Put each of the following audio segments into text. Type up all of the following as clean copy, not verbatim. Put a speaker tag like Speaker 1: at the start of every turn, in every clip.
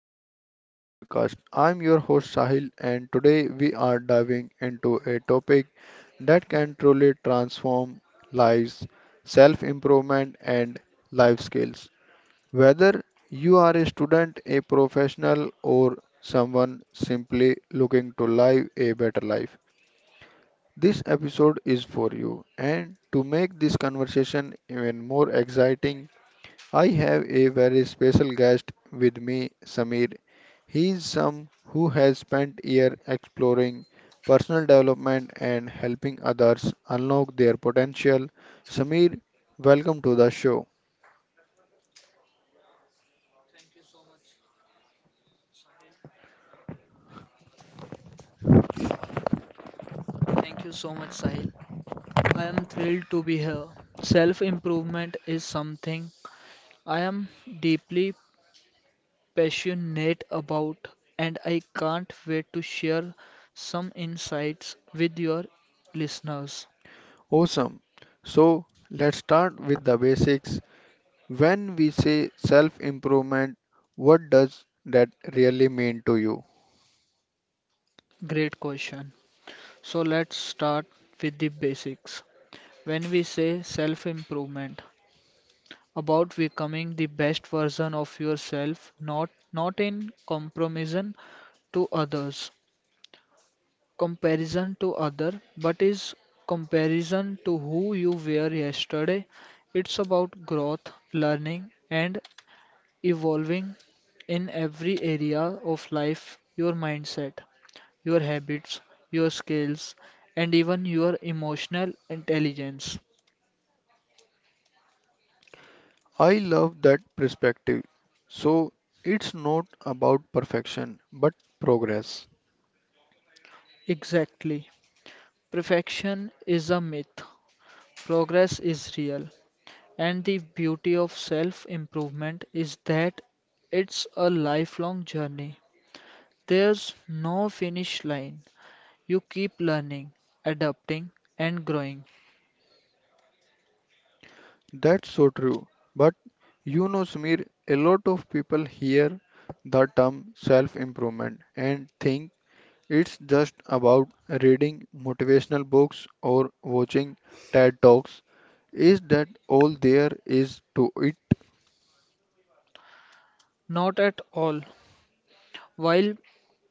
Speaker 1: Growth Mindset Podcast. I'm your host Sahil, and today we are diving into a topic that can truly transform lives, self improvement and life skills. Whether you are a student, a professional, or someone simply looking to live a better life, this episode is for you. And to make this conversation even more exciting, I have a very special guest with me, Samir. He is some who has spent years exploring personal development and helping others unlock their potential. Samir, welcome to the show.
Speaker 2: Thank you so much. Thank you so much, Sahil. I am thrilled to be here. Self improvement is something I am deeply passionate about, and I can't wait to share some insights with your listeners.
Speaker 1: Awesome. So, let's start with the basics. When we say self-improvement, what does that really mean to you?
Speaker 2: Great question. So, let's start with the basics. When we say self improvement, about becoming the best version of yourself, not in comparison to others, comparison to other, but is comparison to who you were yesterday. It's about growth, learning, and evolving in every area of life, your mindset, your habits, your skills, and even your emotional intelligence.
Speaker 1: I love that perspective. So, it's not about perfection, but progress.
Speaker 2: Exactly. Perfection is a myth. Progress is real, and the beauty of self improvement is that it's a lifelong journey. There's no finish line. You keep learning, adapting, and growing.
Speaker 1: That's so true. But you know, Smear, a lot of people hear the term self improvement and think it's just about reading motivational books or watching TED Talks. Is that all there is to it?
Speaker 2: Not at all. While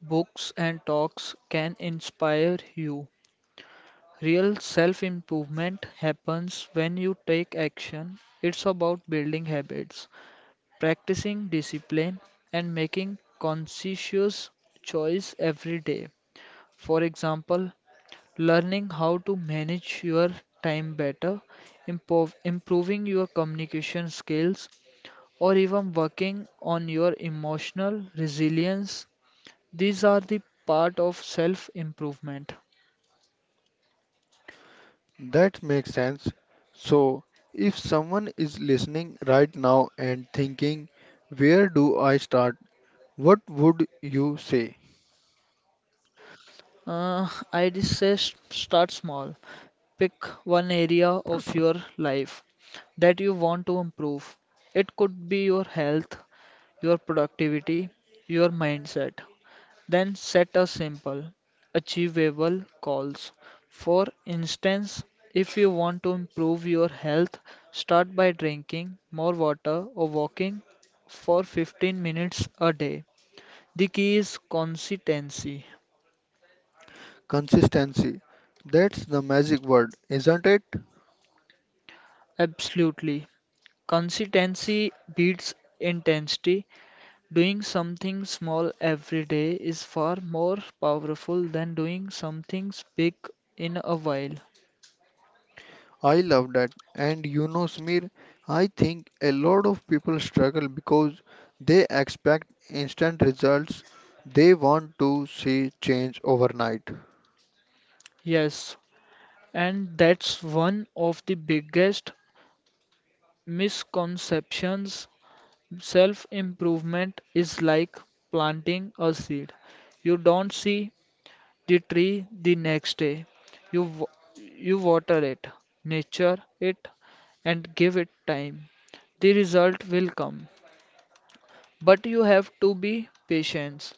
Speaker 2: books and talks can inspire you, real self improvement happens when you take action. It's about building habits practicing discipline and making conscientious choice every day. For example, learning how to manage your time better, improving your communication skills, or even working on your emotional resilience. These are the part of self-improvement.
Speaker 1: That makes sense. So, if someone is listening right now and thinking, where do I start? What would you say?
Speaker 2: I just say start small. Pick one area of your life that you want to improve. It could be your health, your productivity, your mindset. Then set a simple, achievable goals. For instance, if you want to improve your health, start by drinking more water or walking for 15 minutes a day. The key is consistency.
Speaker 1: Consistency. That's the magic word, isn't it?
Speaker 2: Absolutely. Consistency beats intensity. Doing something small every day is far more powerful than doing something big in a while.
Speaker 1: I love that. And you know, Smir, I think a lot of people struggle because they expect instant results. They want to see change overnight.
Speaker 2: Yes, and that's one of the biggest misconceptions. Self-improvement is like planting a seed. You don't see the tree the next day. You wa- you water it, nurture it, and give it time. The result will come, but you have to be patient.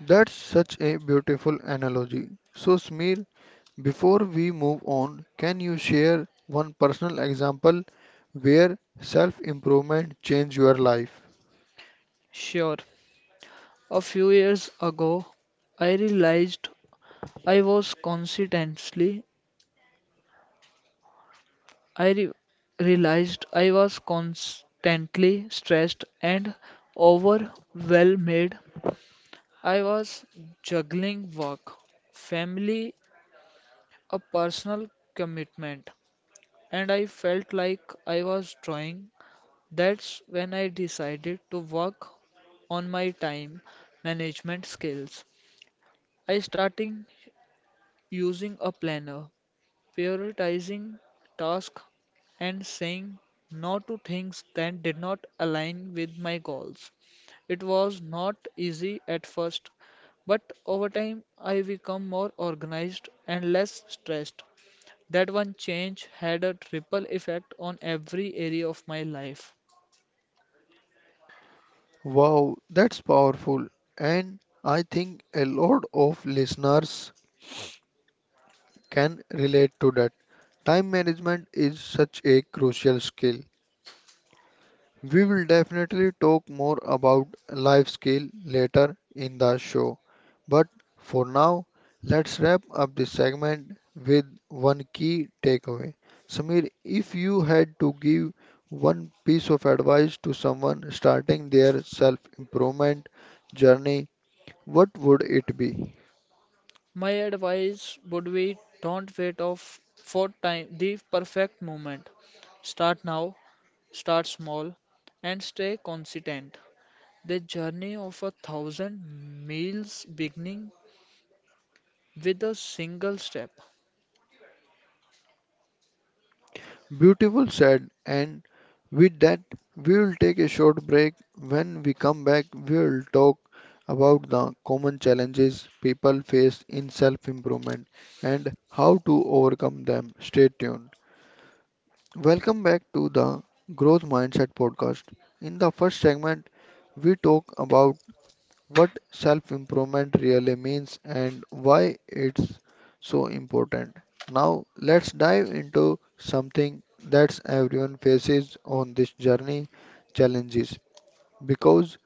Speaker 1: That's such a beautiful analogy. So, Smir, before we move on, can you share one personal example where self improvement changed your life?
Speaker 2: Sure, a few years ago, I realized I was constantly I re- realized I was constantly stressed and overwhelmed. I was juggling work, family, a personal commitment, and I felt like I was drawing. That's when I decided to work on my time management skills. I started using a planner prioritizing tasks and saying no to things that did not align with my goals. It was not easy at first, but over time I became more organized and less stressed. That one change had a ripple effect on every area of my life.
Speaker 1: Wow, that's powerful. And I think a lot of listeners can relate to that. Time management is such a crucial skill. We will definitely talk more about life skill later in the show. But for now, let's wrap up this segment with one key takeaway. Samir, if you had to give one piece of advice to someone starting their self improvement journey, what would it be?
Speaker 2: My advice would be don't wait off for time the perfect moment. Start now, start small, and stay consistent. The journey of a thousand miles beginning with a single step.
Speaker 1: Beautiful said, and with that, we will take a short break. When we come back, we will talk about the common challenges people face in self improvement and how to overcome them. Stay tuned. Welcome back to the Growth Mindset podcast. In the first segment, we talk about what self improvement really means and why it's so important. Now, let's dive into something that everyone faces on this journey, challenges. Because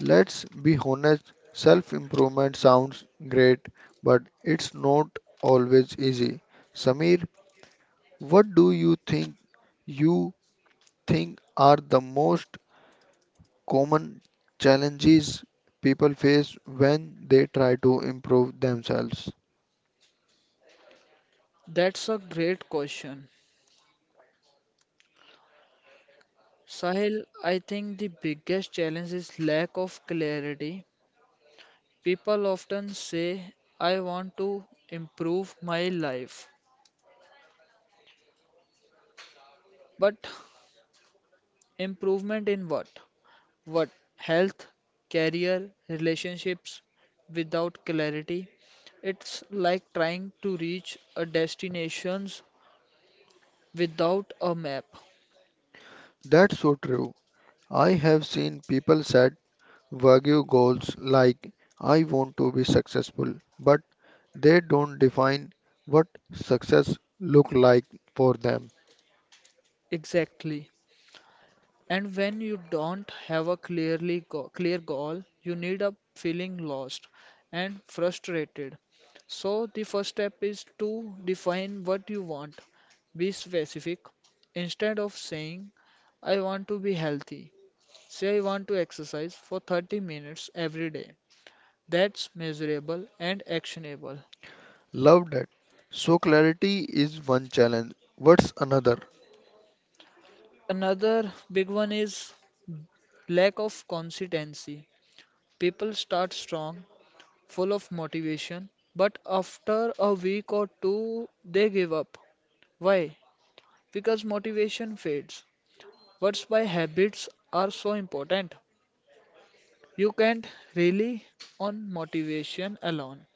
Speaker 1: let's be honest, self improvement sounds great, but it's not always easy. Samir, what do you think, you are the most common challenges people face when they try to improve themselves.
Speaker 2: That's a great question. Sahil, I think the biggest challenge is lack of clarity. People often say, I want to improve my life. But improvement in what? What? Health, career, relationships without clarity. It's like trying to reach a destination without a map.
Speaker 1: That's so true. I have seen people set vague goals like I want to be successful, but they don't define what success look like for them.
Speaker 2: Exactly. And when you don't have a clear goal, you need up feeling lost and frustrated. So the first step is to define what you want. Be specific. Instead of saying I want to be healthy, say I want to exercise for 30 minutes every day. That's measurable and actionable.
Speaker 1: Love that. So clarity is one challenge. What's another?
Speaker 2: Another big one is lack of consistency. People start strong full of motivation, but after a week or two, they give up. Why? Because motivation fades. That's why habits are so important. You can't rely on motivation alone.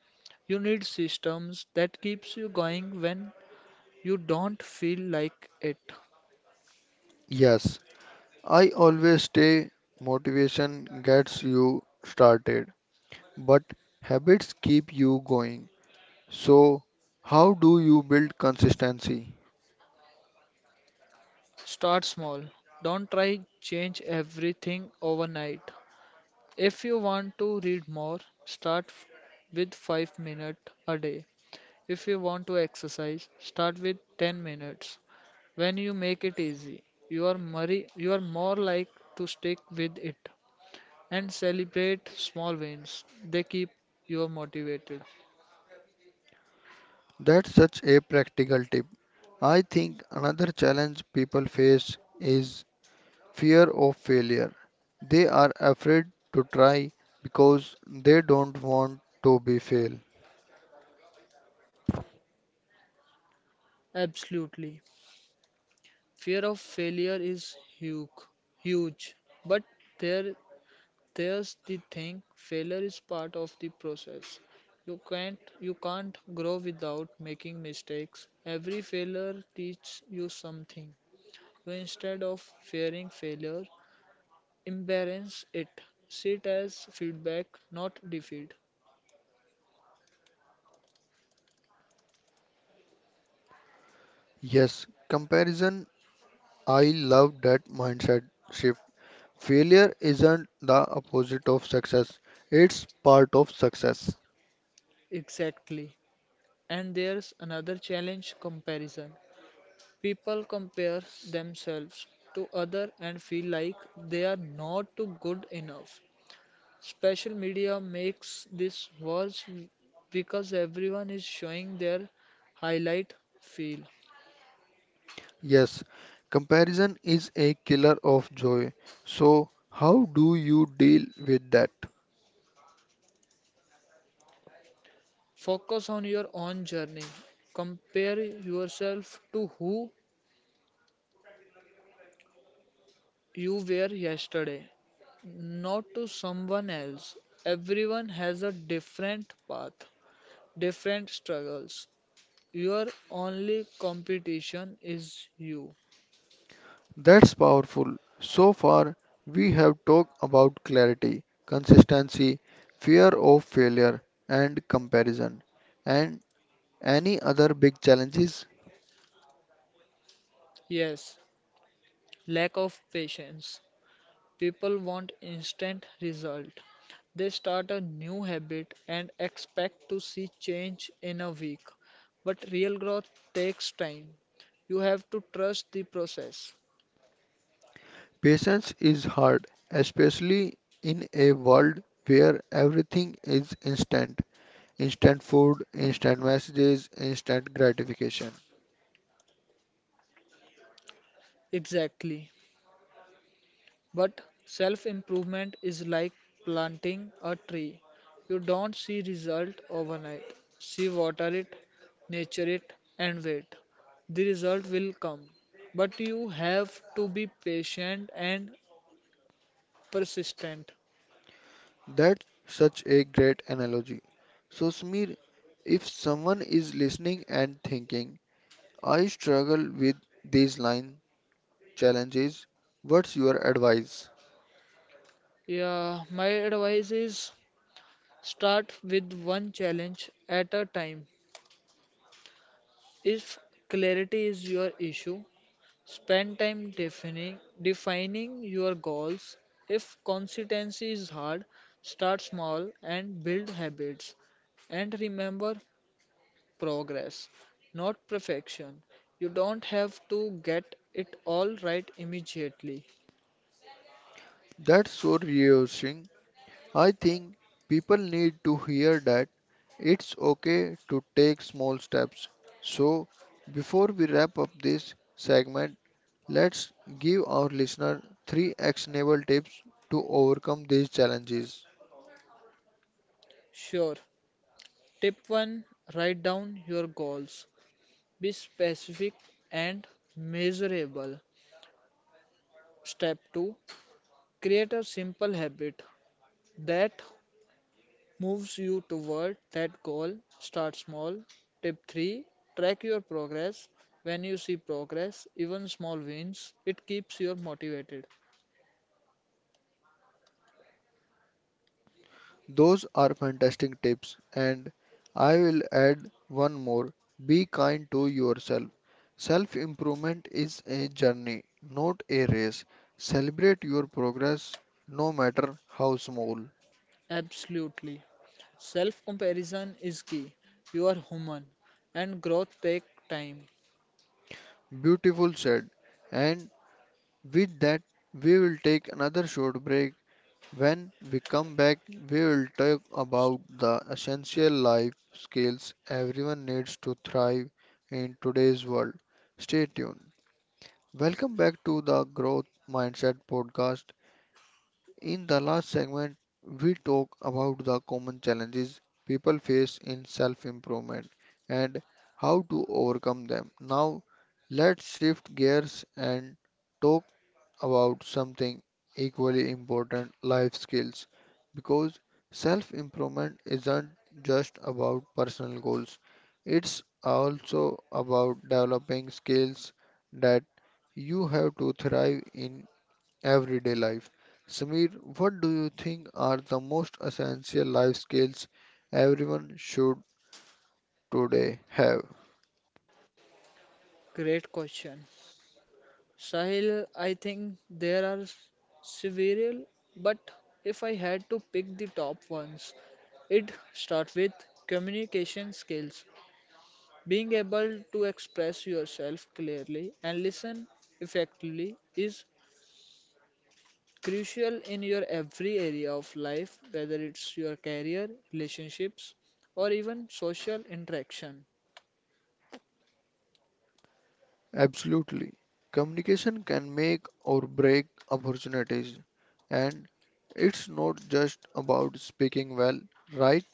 Speaker 2: You need systems that keeps you going when you don't feel like it.
Speaker 1: Yes, I always say motivation gets you started, but habits keep you going. So, how do you build consistency?
Speaker 2: Start small. Don't try change everything overnight. If you want to read more, start f- with 5 minutes a day. If you want to exercise, start with 10 minutes. When you make it easy, you are more like to stick with it and celebrate small wins. They keep you motivated.
Speaker 1: That's such a practical tip. I think another challenge people face is fear of failure. They are afraid to try because they don't want to be fail.
Speaker 2: Absolutely. Fear of failure is huge, huge. But there, there's the thing: failure is part of the process. You can't grow without making mistakes. Every failure teaches you something. So instead of fearing failure, embrace it. See it as feedback, not defeat.
Speaker 1: Yes, comparison. I love that mindset shift. Failure isn't the opposite of success, it's part of success.
Speaker 2: Exactly. And there's another challenge comparison. People compare themselves to other and feel like they are not too good enough. Special media makes this worse because everyone is showing their highlight feel.
Speaker 1: Yes, comparison is a killer of joy. So, how do you deal with that?
Speaker 2: Focus on your own journey. Compare yourself to who you were yesterday, not to someone else. Everyone has a different path, different struggles. Your only competition is you.
Speaker 1: That's powerful. So far, we have talked about clarity, consistency, fear of failure, and comparison. And any other big challenges?
Speaker 2: Yes, lack of patience. People want instant result. They start a new habit and expect to see change in a week. But real growth takes time. You have to trust the process.
Speaker 1: Patience is hard, especially in a world where everything is instant, instant food, instant messages, instant gratification.
Speaker 2: Exactly. But self improvement is like planting a tree. You don't see result overnight. See water it, nurture it and wait. The result will come. But you have to be patient and persistent.
Speaker 1: That's such a great analogy. So, Smir, if someone is listening and thinking, I struggle with these line challenges, what's your advice?
Speaker 2: Yeah, my advice is start with one challenge at a time. If clarity is your issue, spend time defining your goals. If consistency is hard, start small and build habits. And remember progress, not perfection. You don't have to get it all right immediately.
Speaker 1: That's so reassuring. I think people need to hear that it's okay to take small steps. So, before we wrap up this segment, let's give our listener three actionable tips to overcome these challenges.
Speaker 2: Sure. Tip 1, write down your goals. Be specific and measurable. Step 2, create a simple habit that moves you toward that goal. Start small. Tip 3, track your progress. When you see progress, even small wins, it keeps you motivated.
Speaker 1: Those are fantastic tips, and I will add one more. Be kind to yourself. Self improvement is a journey, not a race. Celebrate your progress, no matter how small.
Speaker 2: Absolutely. Self comparison is key. You are human and growth takes time.
Speaker 1: Beautiful said. And with that, we will take another short break. When we come back, we will talk about the essential life skills everyone needs to thrive in today's world. Stay tuned. Welcome back to the Growth Mindset podcast. In the last segment, we talked about the common challenges people face in self improvement and how to overcome them. Now, let's shift gears and talk about something equally important, life skills, because self improvement isn't just about personal goals, it's also about developing skills that you have to thrive in everyday life. Samir, what do you think are the most essential life skills everyone should today have?
Speaker 2: Great question. Sahil, I think there are several, but if I had to pick the top ones, it start with communication skills. Being able to express yourself clearly and listen effectively is crucial in your every area of life, whether it's your career, relationships, or even social interaction.
Speaker 1: Absolutely. Communication can make or break opportunities, and it's not just about speaking well, right?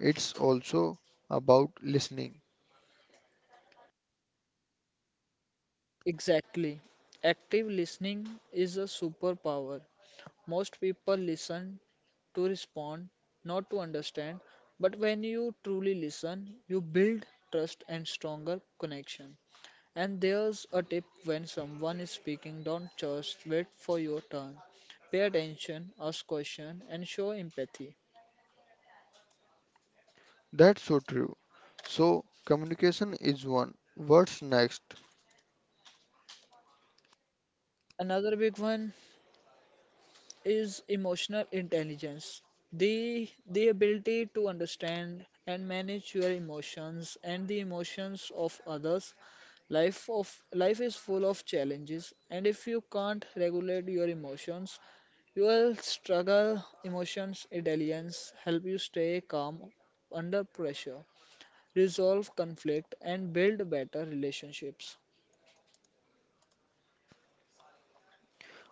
Speaker 1: It's also about listening.
Speaker 2: Exactly. Active listening is a superpower. Most people listen to respond, not to understand, but when you truly listen, you build trust and stronger connection. And there's a tip when someone is speaking, don't just wait for your turn. Pay attention, ask questions, and show empathy.
Speaker 1: That's so true. So, communication is one. What's next?
Speaker 2: Another big one is emotional intelligence. The ability to understand and manage your emotions and the emotions of others. Life is full of challenges, and if you can't regulate your emotions, you will struggle. Emotions intelligence help you stay calm under pressure, resolve conflict, and build better relationships.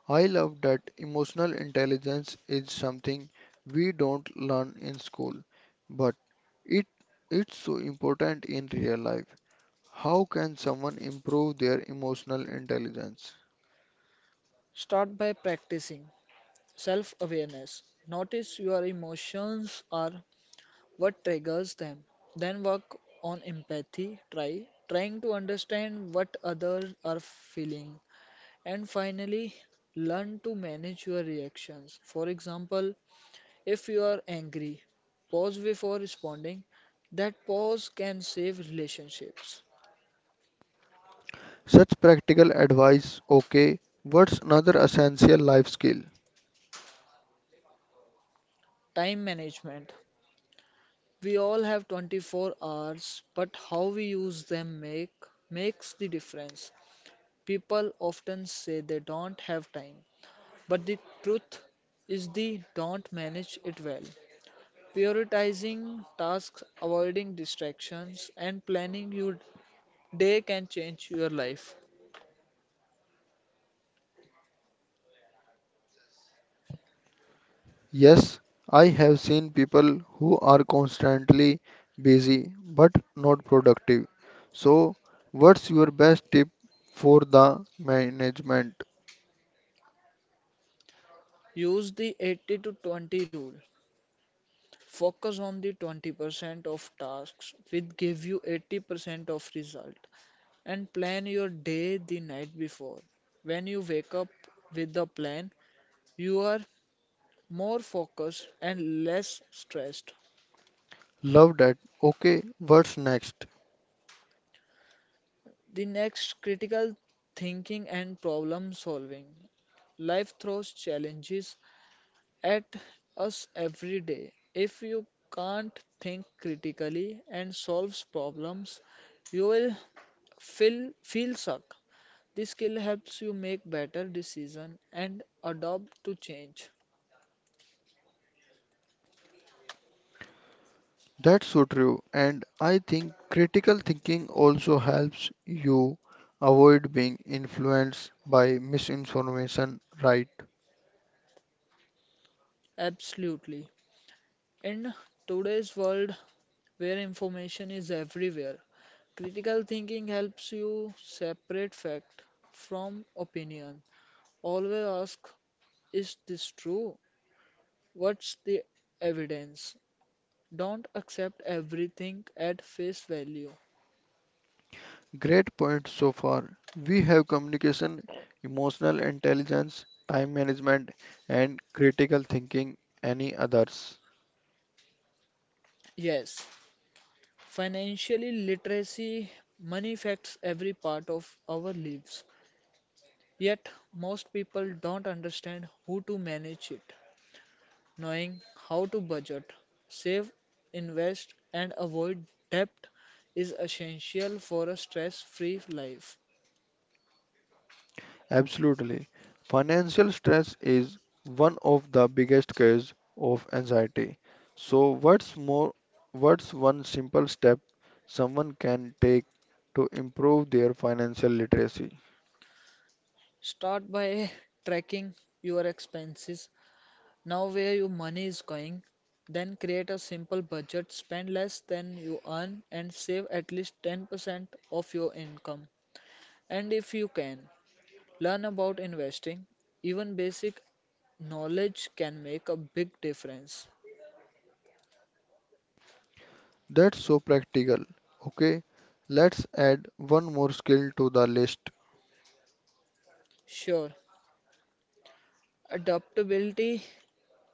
Speaker 1: I love that, emotional intelligence is something we don't learn in school, but it it's so important in real life. How can someone improve their emotional intelligence?
Speaker 2: Start by practicing self awareness. Notice your emotions are what triggers them. Then work on empathy, trying to understand what others are feeling. And finally, learn to manage your reactions. For example, if you are angry, pause before responding. That pause can save relationships.
Speaker 1: Such practical advice, okay, what's another essential life skill?
Speaker 2: Time management. We all have 24 hours, but how we use them make makes the difference. People often say they don't have time, but the truth is they don't manage it well. Prioritizing tasks, avoiding distractions, and planning your day can change your life.
Speaker 1: Yes, I have seen people who are constantly busy but not productive. So, what's your best tip for the management?
Speaker 2: Use the 80 to 20 rule. Focus on the 20% of tasks which give you 80% of result and plan your day the night before. When you wake up with a plan, you are more focused and less stressed.
Speaker 1: Love that. Okay, what's next?
Speaker 2: The next critical thinking and problem solving. Life throws challenges at us every day. If you can't think critically and solve problems, you will feel stuck. This skill helps you make better decisions and adapt to change.
Speaker 1: That's so true, and I think critical thinking also helps you avoid being influenced by misinformation, right?
Speaker 2: Absolutely. In today's world, where information is everywhere. Critical thinking helps you separate fact from opinion. Always ask, is this true? What's the evidence? Don't accept everything at face value.
Speaker 1: Great points so far. We have communication, emotional intelligence, time management, and critical thinking. Any others?
Speaker 2: Yes, financially literacy, money affects every part of our lives. Yet, most people don't understand how to manage it. Knowing how to budget, save, invest, and avoid debt is essential for a stress free life.
Speaker 1: Absolutely. Financial stress is one of the biggest cause of anxiety. So, what's more, what's one simple step someone can take to improve their financial literacy?
Speaker 2: Start by tracking your expenses, know where your money is going, then create a simple budget, spend less than you earn, and save at least 10% of your income. And if you can, learn about investing. Even basic knowledge can make a big difference.
Speaker 1: That's so practical. Okay, let's add one more skill to the list.
Speaker 2: Sure, adaptability.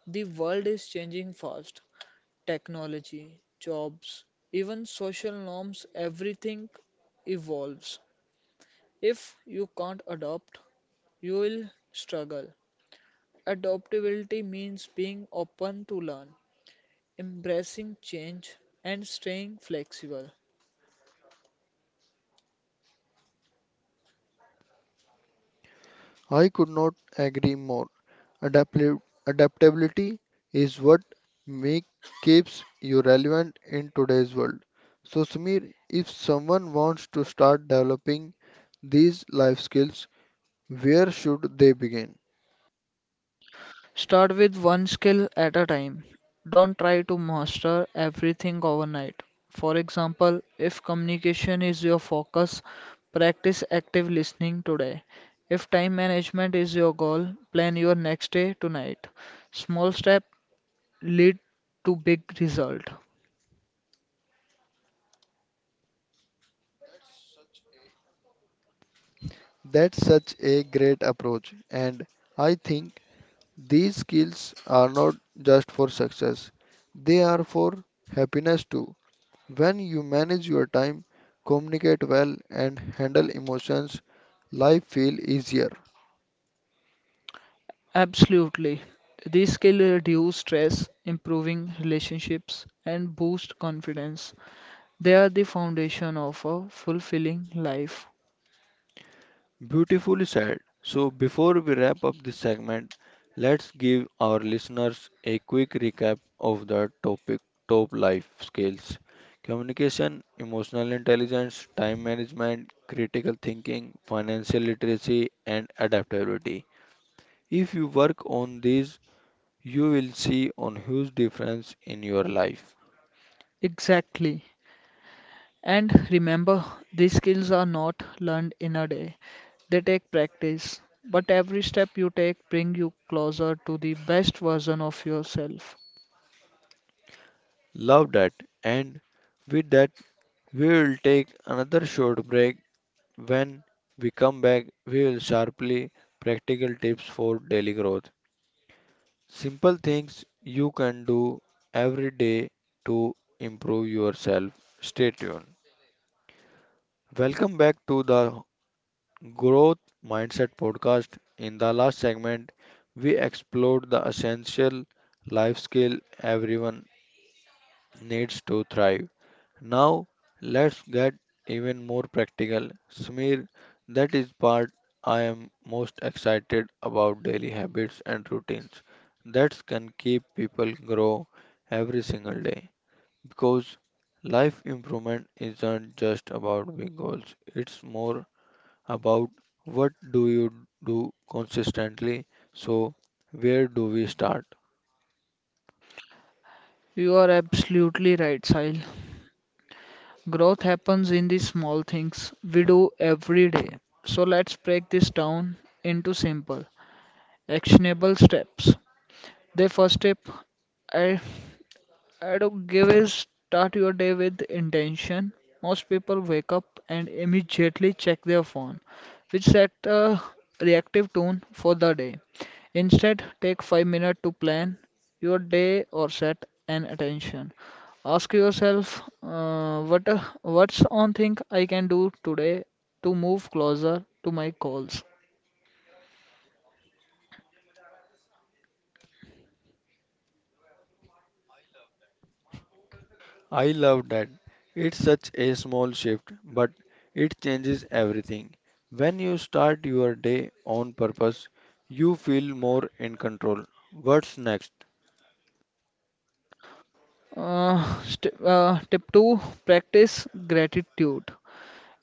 Speaker 2: The world is changing fast. Technology, jobs, even social norms, everything evolves. If you can't adopt, you will struggle. Adaptability means being open to learn, embracing change, and staying flexible.
Speaker 1: I could not agree more. Adaptli- Adaptability is what make keeps you relevant in today's world. So Samir, if someone wants to start developing these life skills, where should they begin?
Speaker 2: Start with one skill at a time. Don't try to master everything overnight. For example, if communication is your focus, practice active listening today. If time management is your goal, plan your next day tonight. Small step lead to big result.
Speaker 1: That's such a great approach and I think these skills are not just for success. They are for happiness too. When you manage your time, communicate well and handle emotions, life feel easier.
Speaker 2: Absolutely. These skills reduce stress, improving relationships, and boost confidence. They are the foundation of a fulfilling life.
Speaker 1: Beautifully said. So, before we wrap up this segment, let's give our listeners a quick recap of the topic, top life skills, communication, emotional intelligence, time management, critical thinking, financial literacy, and adaptability. If you work on these, you will see a huge difference in your life.
Speaker 2: Exactly. And remember, these skills are not learned in a day. They take practice, but every step you take bring you closer to the best version of yourself.
Speaker 1: Love that. And with that, we will take another short break. When we come back, we will sharply practical tips for daily growth. Simple things you can do every day to improve yourself. Stay tuned. Welcome back to the Growth Mindset podcast. In the last segment, we explored the essential life skill everyone needs to thrive. Now, let's get even more practical. Smear, that is part I am most excited about, daily habits and routines that can keep people grow every single day. Because life improvement isn't just about big goals, it's more about what do you do consistently. So, where do we start?
Speaker 2: You are absolutely right, Sahil. Growth happens in the small things we do every day. So let's break this down into simple, actionable steps. The first step, I I don't give is start your day with intention. Most people wake up and immediately check their phone, which set a reactive tone for the day. Instead, take 5 minutes to plan your day or set an attention. Ask yourself, what's one thing I can do today to move closer to my goals.
Speaker 1: I love that. It's such a small shift, but it changes everything. When you start your day on purpose, you feel more in control. What's next?
Speaker 2: St Tip two, practice gratitude.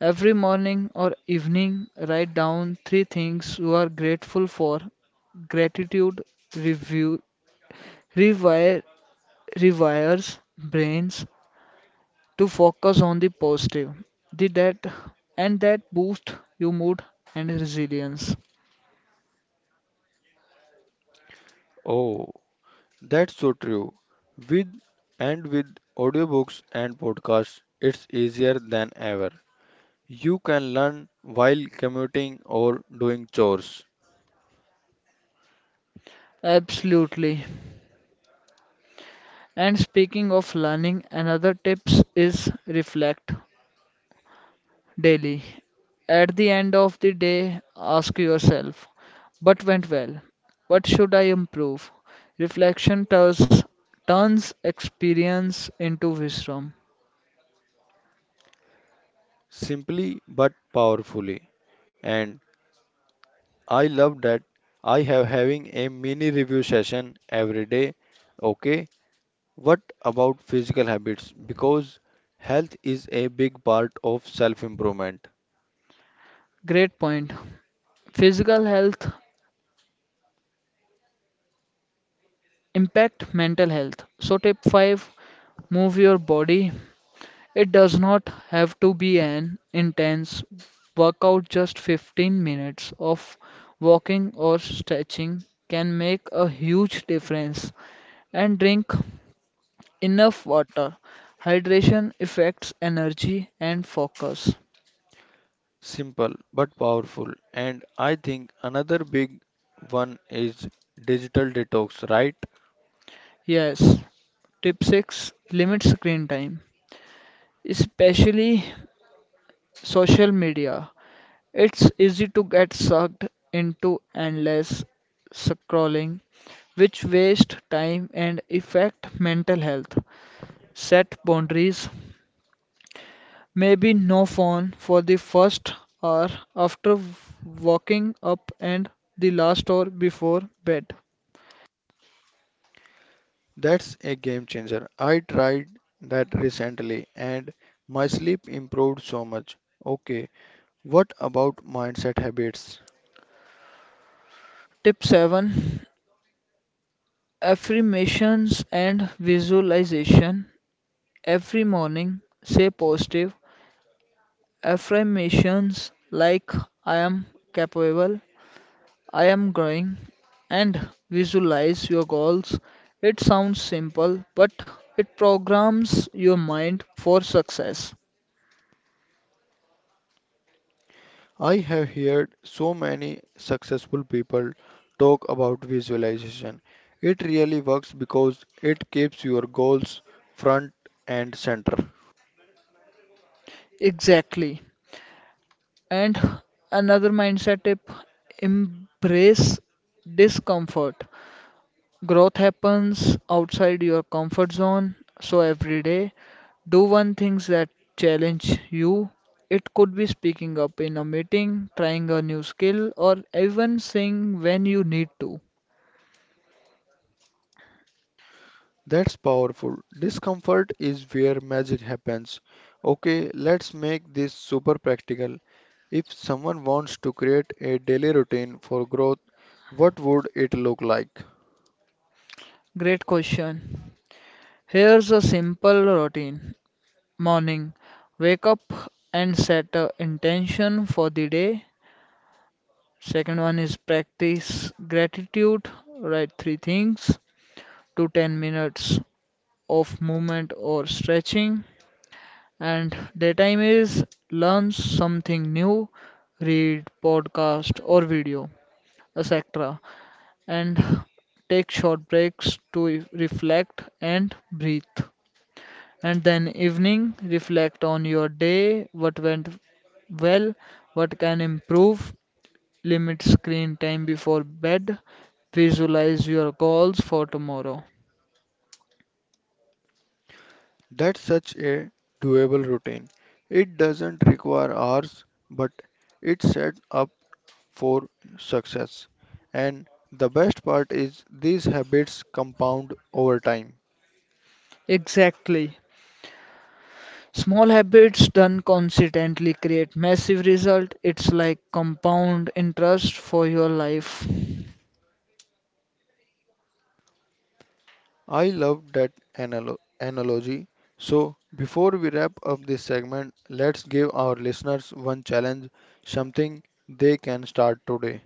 Speaker 2: Every morning or evening, write down three things you are grateful for. Gratitude review, rewire, rewires brains to focus on the positive. The that and That boosts your mood and resilience.
Speaker 1: Oh, that's so true. With with audiobooks and podcasts, it's easier than ever. You can learn while commuting or doing chores,
Speaker 2: Absolutely. And speaking of learning, another tips is reflect daily. At the end of the day, ask yourself, what went well? What should I improve? Reflection turns experience into wisdom.
Speaker 1: simply but powerfully. And I love that I have having a mini review session every day. Okay, what about physical habits? Because health is a big part of self improvement.
Speaker 2: Great point. Physical health impact mental health. So tip 5, move your body. It does not have to be an intense workout. Just 15 minutes of walking or stretching can make a huge difference. And drink enough water. Hydration affects energy and focus.
Speaker 1: Simple but powerful. And I think another big one is digital detox, right?
Speaker 2: Yes. Tip 6, limit screen time, especially social media. It's easy to get sucked into endless scrolling, which waste time and affect mental health. Set boundaries. Maybe no phone for the first hour after waking up and the last hour before bed.
Speaker 1: That's a game changer. I tried that recently and my sleep improved so much. Okay, what about mindset habits?
Speaker 2: Tip 7, affirmations and visualization. Every morning, say positive affirmations like I am capable, I am growing, and visualize your goals. It sounds simple, but it programs your mind for success.
Speaker 1: I have heard so many successful people talk about visualization. It really works because it keeps your goals front and center.
Speaker 2: Exactly. And another mindset tip, embrace discomfort. Growth happens outside your comfort zone, so every day do one things that challenge you. It could be speaking up in a meeting, trying a new skill, or even saying when you need to.
Speaker 1: That's powerful. Discomfort is where magic happens. Okay, let's make this super practical. If someone wants to create a daily routine for growth, what would it look like?
Speaker 2: Great question. Here's a simple routine. Morning, wake up and set a intention for the day. Second one is practice gratitude. Write three things to 10 minutes of movement or stretching. And daytime is learn something new, read podcast or video, etc. And take short breaks to reflect and breathe. And then evening, reflect on your day, what went well, what can improve, limit screen time before bed, visualize your goals for tomorrow.
Speaker 1: That's such a doable routine. It doesn't require hours, but it sets up for success. And the best part is these habits compound over time.
Speaker 2: Exactly. Small habits done consistently create massive result. It's like compound interest for your life.
Speaker 1: I love that analogy. So, before we wrap up this segment, let's give our listeners one challenge, something they can start today.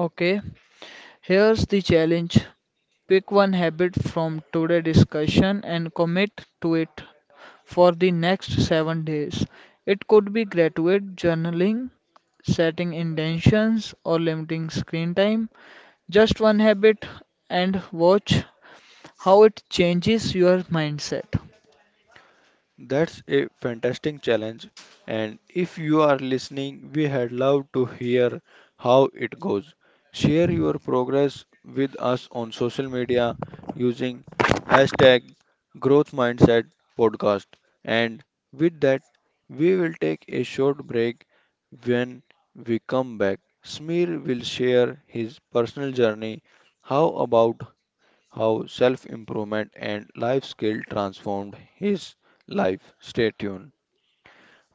Speaker 2: Okay, here's the challenge. Pick one habit from today's discussion and commit to it for the next 7 days. It could be graduate journaling, setting intentions, or limiting screen time. Just one habit and watch how it changes your mindset.
Speaker 1: That's a fantastic challenge. And if you are listening, we had love to hear how it goes. Share your progress with us on social media using hashtag growth mindset podcast. And with that, we will take a short break. When we come back, Smear will share his personal journey. How about how self improvement and life skill transformed his life. Stay tuned.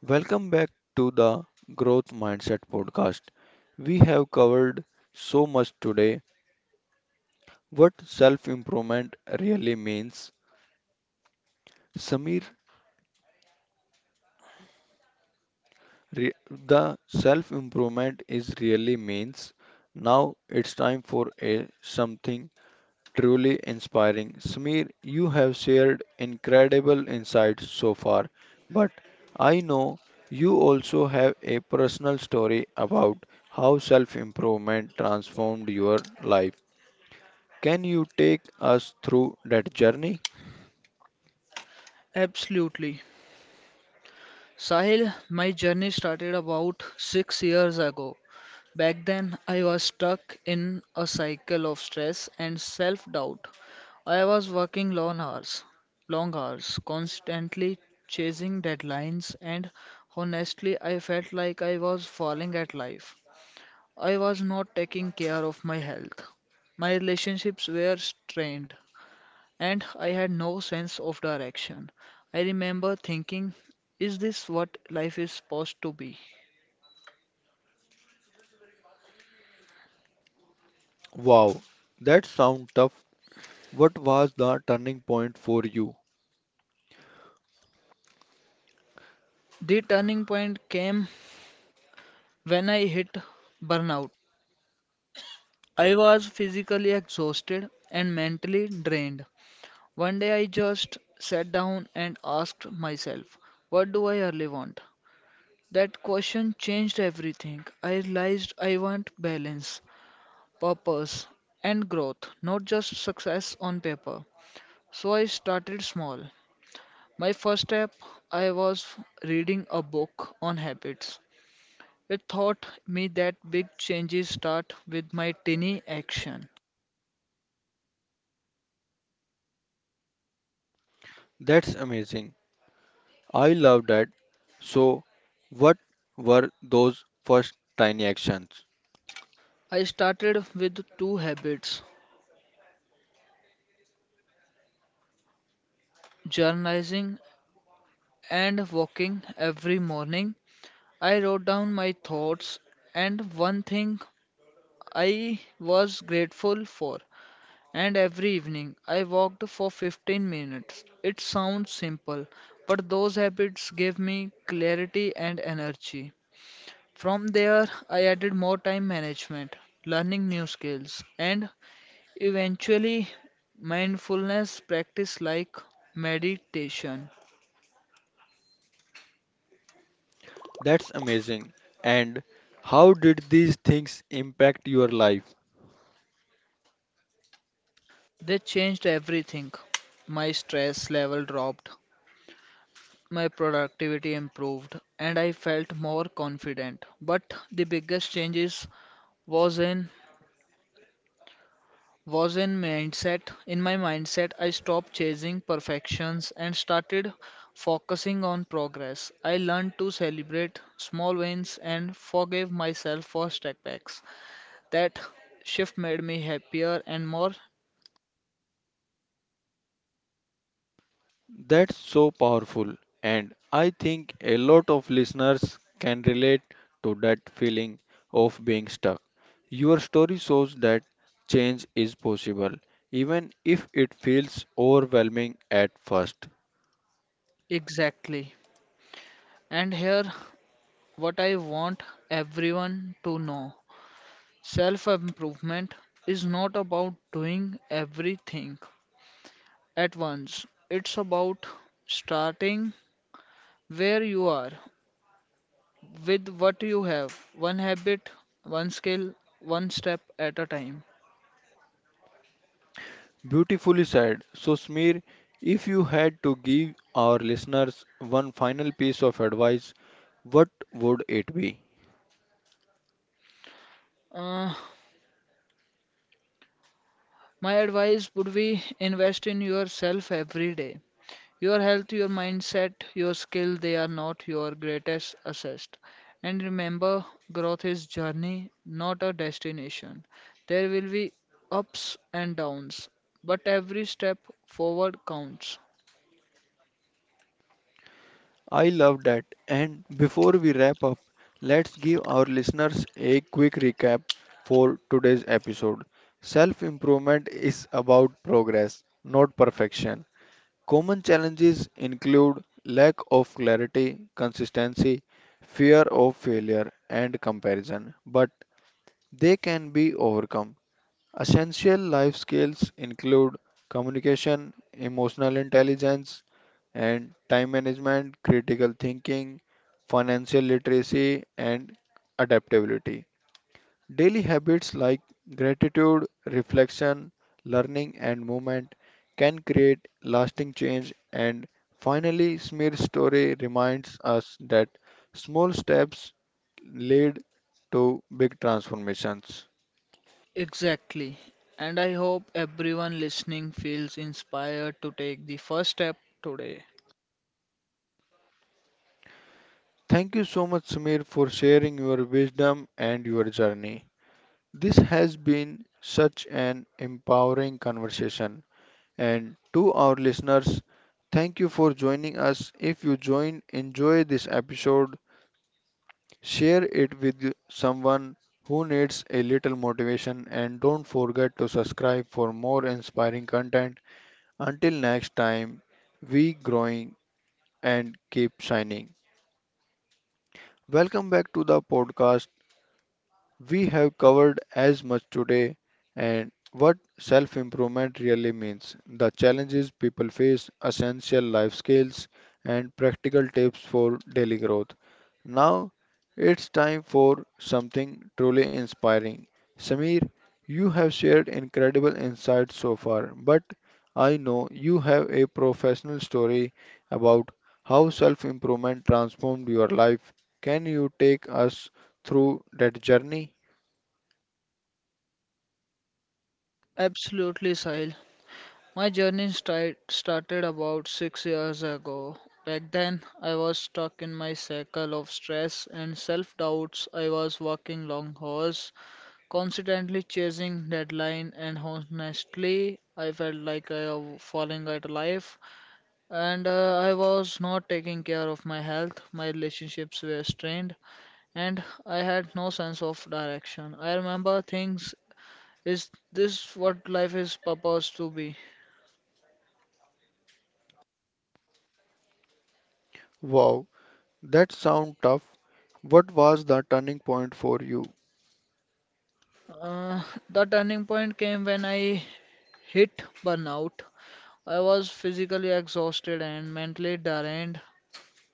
Speaker 1: Welcome back to the Growth Mindset podcast. We have covered so much today, what self improvement really means. Samir, the self improvement is really means. Now it's time for a something truly inspiring. Smear, you have shared incredible insights so far, but I know you also have a personal story about how self improvement transformed your life. Can you take us through that journey?
Speaker 2: Absolutely, Sahil. My journey started about 6 years ago. Back then, I was stuck in a cycle of stress and self doubt. I was working long hours, constantly chasing deadlines, and honestly, I felt like I was falling at life. I was not taking care of my health. My relationships were strained, and I had no sense of direction. I remember thinking, is this what life is supposed to be?
Speaker 1: Wow, that sounds tough. What was the turning point for you?
Speaker 2: The turning point came when I hit burnout. I was physically exhausted and mentally drained. One day I just sat down and asked myself, what do I really want? That question changed everything. I realized I want balance, purpose, and growth, not just success on paper. So I started small. My first step, I was reading a book on habits. It taught me that big changes start with my tiny action.
Speaker 1: That's amazing. I love that. So, what were those first tiny actions?
Speaker 2: I started with two habits, journalizing and walking every morning. I wrote down my thoughts and one thing I was grateful for. And every evening I walked for 15 minutes. It sounds simple, but those habits gave me clarity and energy. From there, I added more time management, learning new skills, and eventually mindfulness practice like meditation.
Speaker 1: That's amazing. And how did these things impact your life?
Speaker 2: They changed everything. My stress level dropped, my productivity improved, and I felt more confident. But the biggest changes was in was in mindset in my mindset. I stopped chasing perfections and started focusing on progress. I learned to celebrate small wins and forgive myself for setbacks. That shift made me happier and more.
Speaker 1: That's so powerful. And I think a lot of listeners can relate to that feeling of being stuck. Your story shows that change is possible, even if it feels overwhelming at first.
Speaker 2: Exactly. And here what I want everyone to know, self improvement is not about doing everything at once, it's about starting where you are with what you have, one habit, one skill, one step at a time.
Speaker 1: Beautifully said. So, Smear, if you had to give our listeners one final piece of advice, what would it be?
Speaker 2: uh, my advice would be invest in yourself every day. Your health, your mindset, your skill, they are not your greatest asset. And remember, growth is journey, not a destination. There will be ups and downs, but every step forward counts.
Speaker 1: I love that. And before we wrap up, let's give our listeners a quick recap for today's episode. Self improvement is about progress, not perfection. Common challenges include lack of clarity, consistency, fear of failure, and comparison, but they can be overcome. Essential life skills include communication, emotional intelligence, and time management, critical thinking, financial literacy, and adaptability. Daily habits like gratitude, reflection, learning, and movement can create lasting change. And finally, Smear's story reminds us that small steps lead to big transformations.
Speaker 2: Exactly. And I hope everyone listening feels inspired to take the first step today.
Speaker 1: Thank you so much, Samir, for sharing your wisdom and your journey. This has been such an empowering conversation. And to our listeners, thank you for joining us. If you enjoy this episode, share it with someone who needs a little motivation, and don't forget to subscribe for more inspiring content. Until next time, we growing and keep shining. Welcome back to the podcast. We have covered as much today and what self improvement really means, the challenges people face, essential life skills, and practical tips for daily growth. Now it's time for something truly inspiring. Samir, you have shared incredible insights so far, but I know you have a professional story about how self improvement transformed your life. Can you take us through that journey?
Speaker 2: Absolutely, Sahil. My journey started about 6 years ago. Back then, I was stuck in my cycle of stress and self doubts. I was working long hours, constantly chasing deadline, and honestly, I felt like I was falling out of life. And I was not taking care of my health. My relationships were strained, and I had no sense of direction. I remember things, is this what life is supposed to be?
Speaker 1: Wow, that sounds tough. What was the turning point for you?
Speaker 2: Uh, the turning point came when I hit burnout. I was physically exhausted and mentally drained.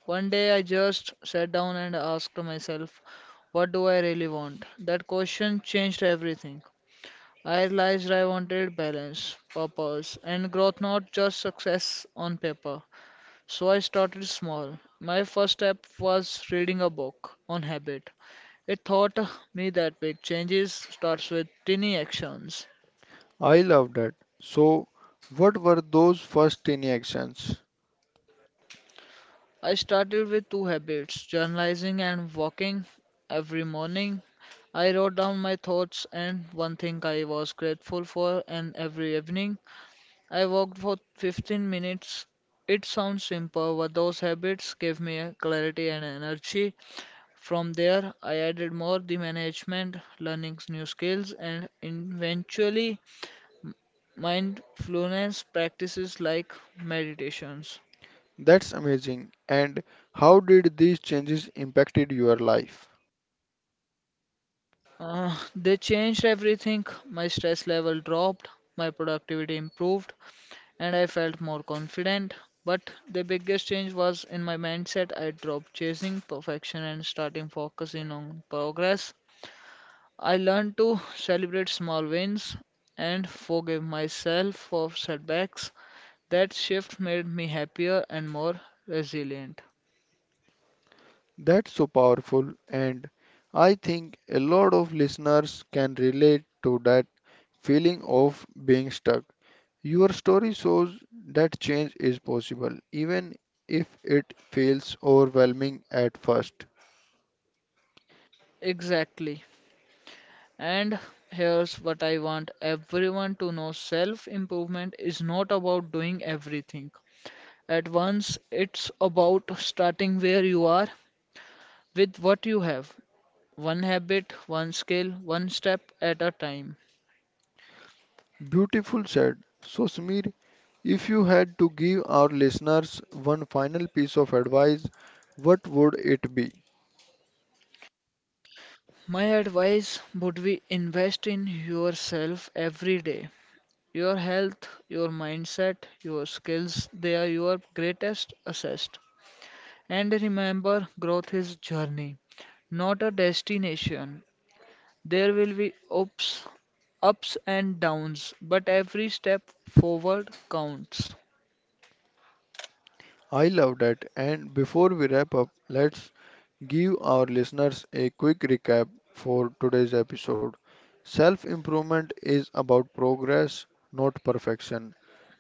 Speaker 2: One day I just sat down and asked myself, what do I really want? That question changed everything. I realized I wanted balance, purpose, and growth, not just success on paper. So I started small. My first step was reading a book on habit. It taught me that big changes starts with tiny actions.
Speaker 1: I loved it. So, what were those first tiny actions?
Speaker 2: I started with two habits, journalizing and walking. Every morning, I wrote down my thoughts and one thing I was grateful for, and every evening, I walked for 15 minutes. It sounds simple, but those habits gave me a clarity and energy. From there, I added more the management, learning new skills, and eventually mindfulness practices like meditations.
Speaker 1: That's amazing. And how did these changes impacted your life?
Speaker 2: They changed everything. My stress level dropped, my productivity improved, and I felt more confident. But the biggest change was in my mindset. I dropped chasing perfection and starting focusing on progress. I learned to celebrate small wins and forgive myself for setbacks. That shift made me happier and more resilient.
Speaker 1: That's so powerful, and I think a lot of listeners can relate to that feeling of being stuck. Your story shows that change is possible even if it feels overwhelming at first.
Speaker 2: Exactly. And here's what I want everyone to know, self improvement is not about doing everything at once, it's about starting where you are with what you have, one habit, one skill, one step at a time.
Speaker 1: Beautiful said. So, Smir, if you had to give our listeners one final piece of advice, what would it be?
Speaker 2: My advice would be invest in yourself every day. Your health, your mindset, your skills, they are your greatest asset. And remember, growth is journey, not a destination. There will be ups and downs, but every step forward counts.
Speaker 1: I love that. And before we wrap up, let's give our listeners a quick recap for today's episode. Self improvement is about progress, not perfection.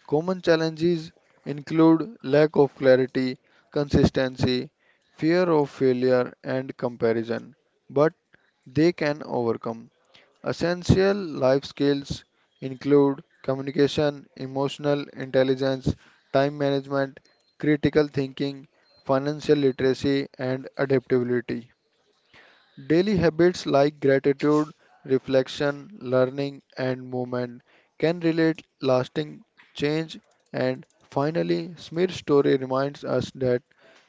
Speaker 1: Common challenges include lack of clarity, consistency, fear of failure, and comparison, but they can overcome. Essential life skills include communication, emotional intelligence, time management, critical thinking, financial literacy, and adaptability. Daily habits like gratitude, reflection, learning, and movement can relate lasting change. And finally, Smith's story reminds us that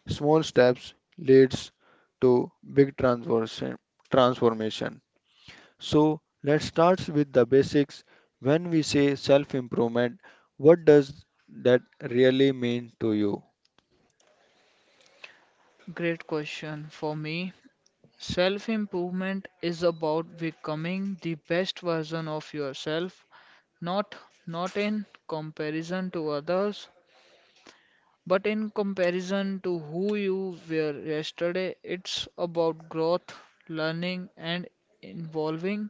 Speaker 1: small steps leads to big transformation. So let's start with the basics. When we say self improvement, what does that really mean to you?
Speaker 2: Great question. For me, self improvement is about becoming the best version of yourself, not not in comparison to others, but in comparison to who you were yesterday. It's about growth, learning and evolving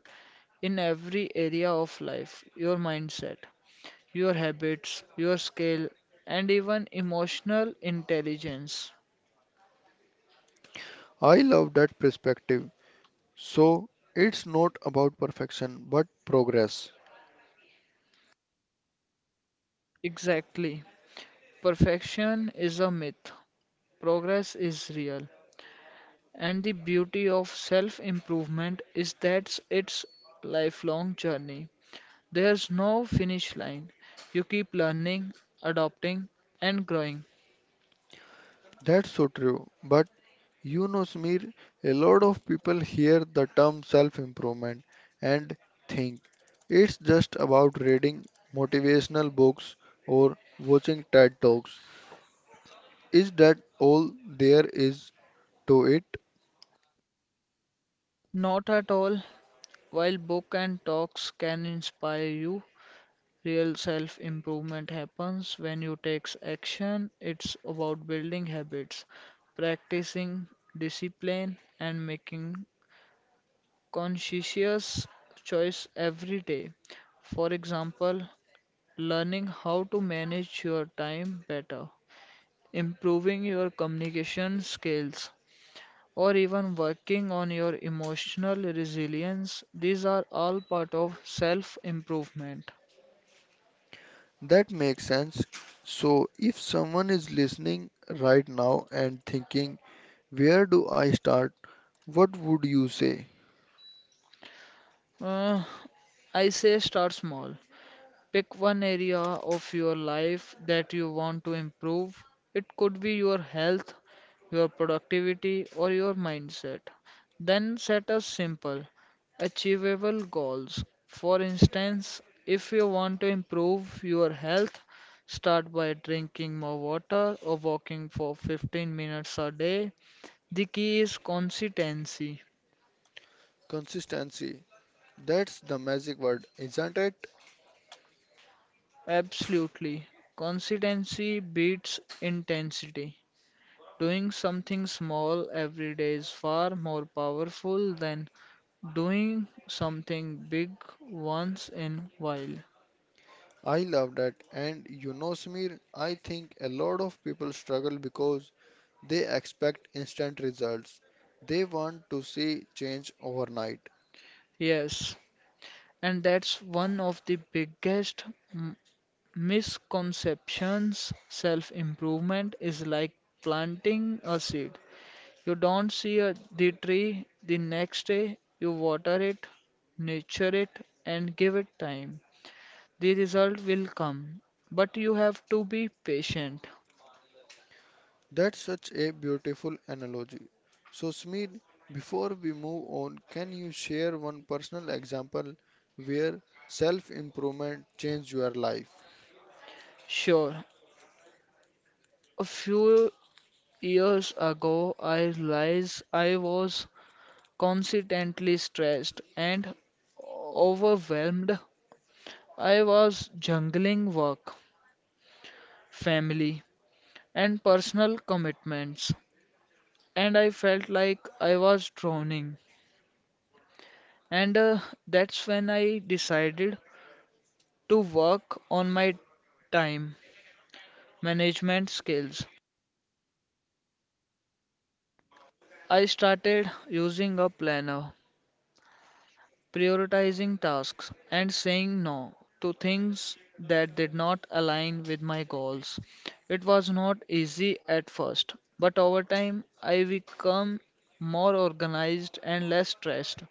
Speaker 2: in every area of life, your mindset, your habits, your skill, and even emotional intelligence.
Speaker 1: I love that perspective. So it's not about perfection but progress.
Speaker 2: Exactly. Perfection is a myth, progress is real, and the beauty of self improvement is that it's lifelong journey. There's no finish line. You keep learning, adopting, and growing.
Speaker 1: That's so true. But you know, Smir, a lot of people hear the term self improvement and think it's just about reading motivational books or watching TED Talks. Is that all there is to it?
Speaker 2: Not at all. While book and talks can inspire you, real self improvement happens when you take action. It's about building habits, practicing discipline, and making conscientious choice every day. For example, learning how to manage your time better, improving your communication skills, or even working on your emotional resilience. These are all part of self improvement.
Speaker 1: That makes sense. So, if someone is listening right now and thinking, where do I start? What would you say?
Speaker 2: Uh, I say start small. Pick one area of your life that you want to improve. It could be your health, your productivity, or your mindset. Then set a simple, achievable goals. For instance, if you want to improve your health, start by drinking more water or walking for 15 minutes a day. The key is consistency.
Speaker 1: Consistency. That's the magic word, isn't it?
Speaker 2: Absolutely. Consistency beats intensity. Doing something small every day is far more powerful than doing something big once in a while.
Speaker 1: I love that. And you know, Samir, I think a lot of people struggle because they expect instant results. They want to see change overnight.
Speaker 2: Yes, and that's one of the biggest m- misconceptions. Self improvement is like planting a seed. You don't see the tree the next day, you water it, nurture it, and give it time. The result will come, but you have to be patient.
Speaker 1: That's such a beautiful analogy. So, Smir, before we move on, can you share one personal example where self improvement changed your life?
Speaker 2: Sure. A few years ago, I realized I was constantly stressed and overwhelmed. I was juggling work, family, and personal commitments, and I felt like I was drowning. And That's when I decided to work on my time management skills. I started using a planner, prioritizing tasks, and saying no to things that did not align with my goals. It was not easy at first, but over time I became more organized and less stressed.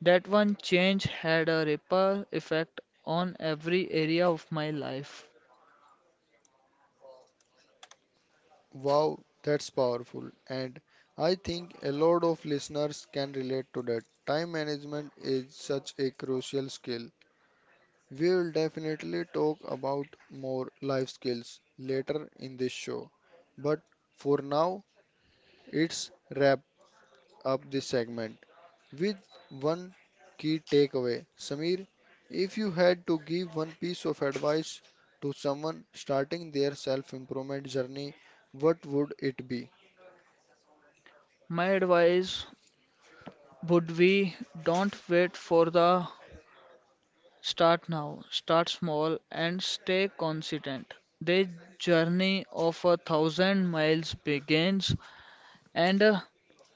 Speaker 2: That one change had a ripple effect on every area of my life.
Speaker 1: Wow, that's powerful. And I think a lot of listeners can relate to that. Time management is such a crucial skill. We will definitely talk about more life skills later in this show. But for now, it's wrap up this segment with one key takeaway. Samir, if you had to give one piece of advice to someone starting their self improvement journey, what would it be?
Speaker 2: My advice would be don't wait for the. Start now, start small, and stay consistent. The journey of a thousand miles begins and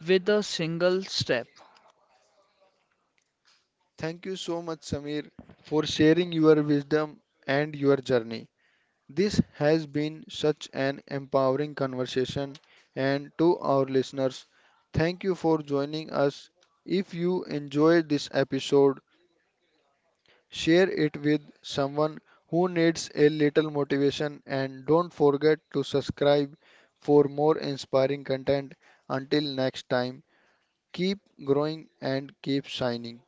Speaker 2: with a single step.
Speaker 1: Thank you so much, Samir, for sharing your wisdom and your journey. This has been such an empowering conversation, and to our listeners, thank you for joining us. If you enjoyed this episode, share it with someone who needs a little motivation and don't forget to subscribe for more inspiring content. Until next time, keep growing and keep shining.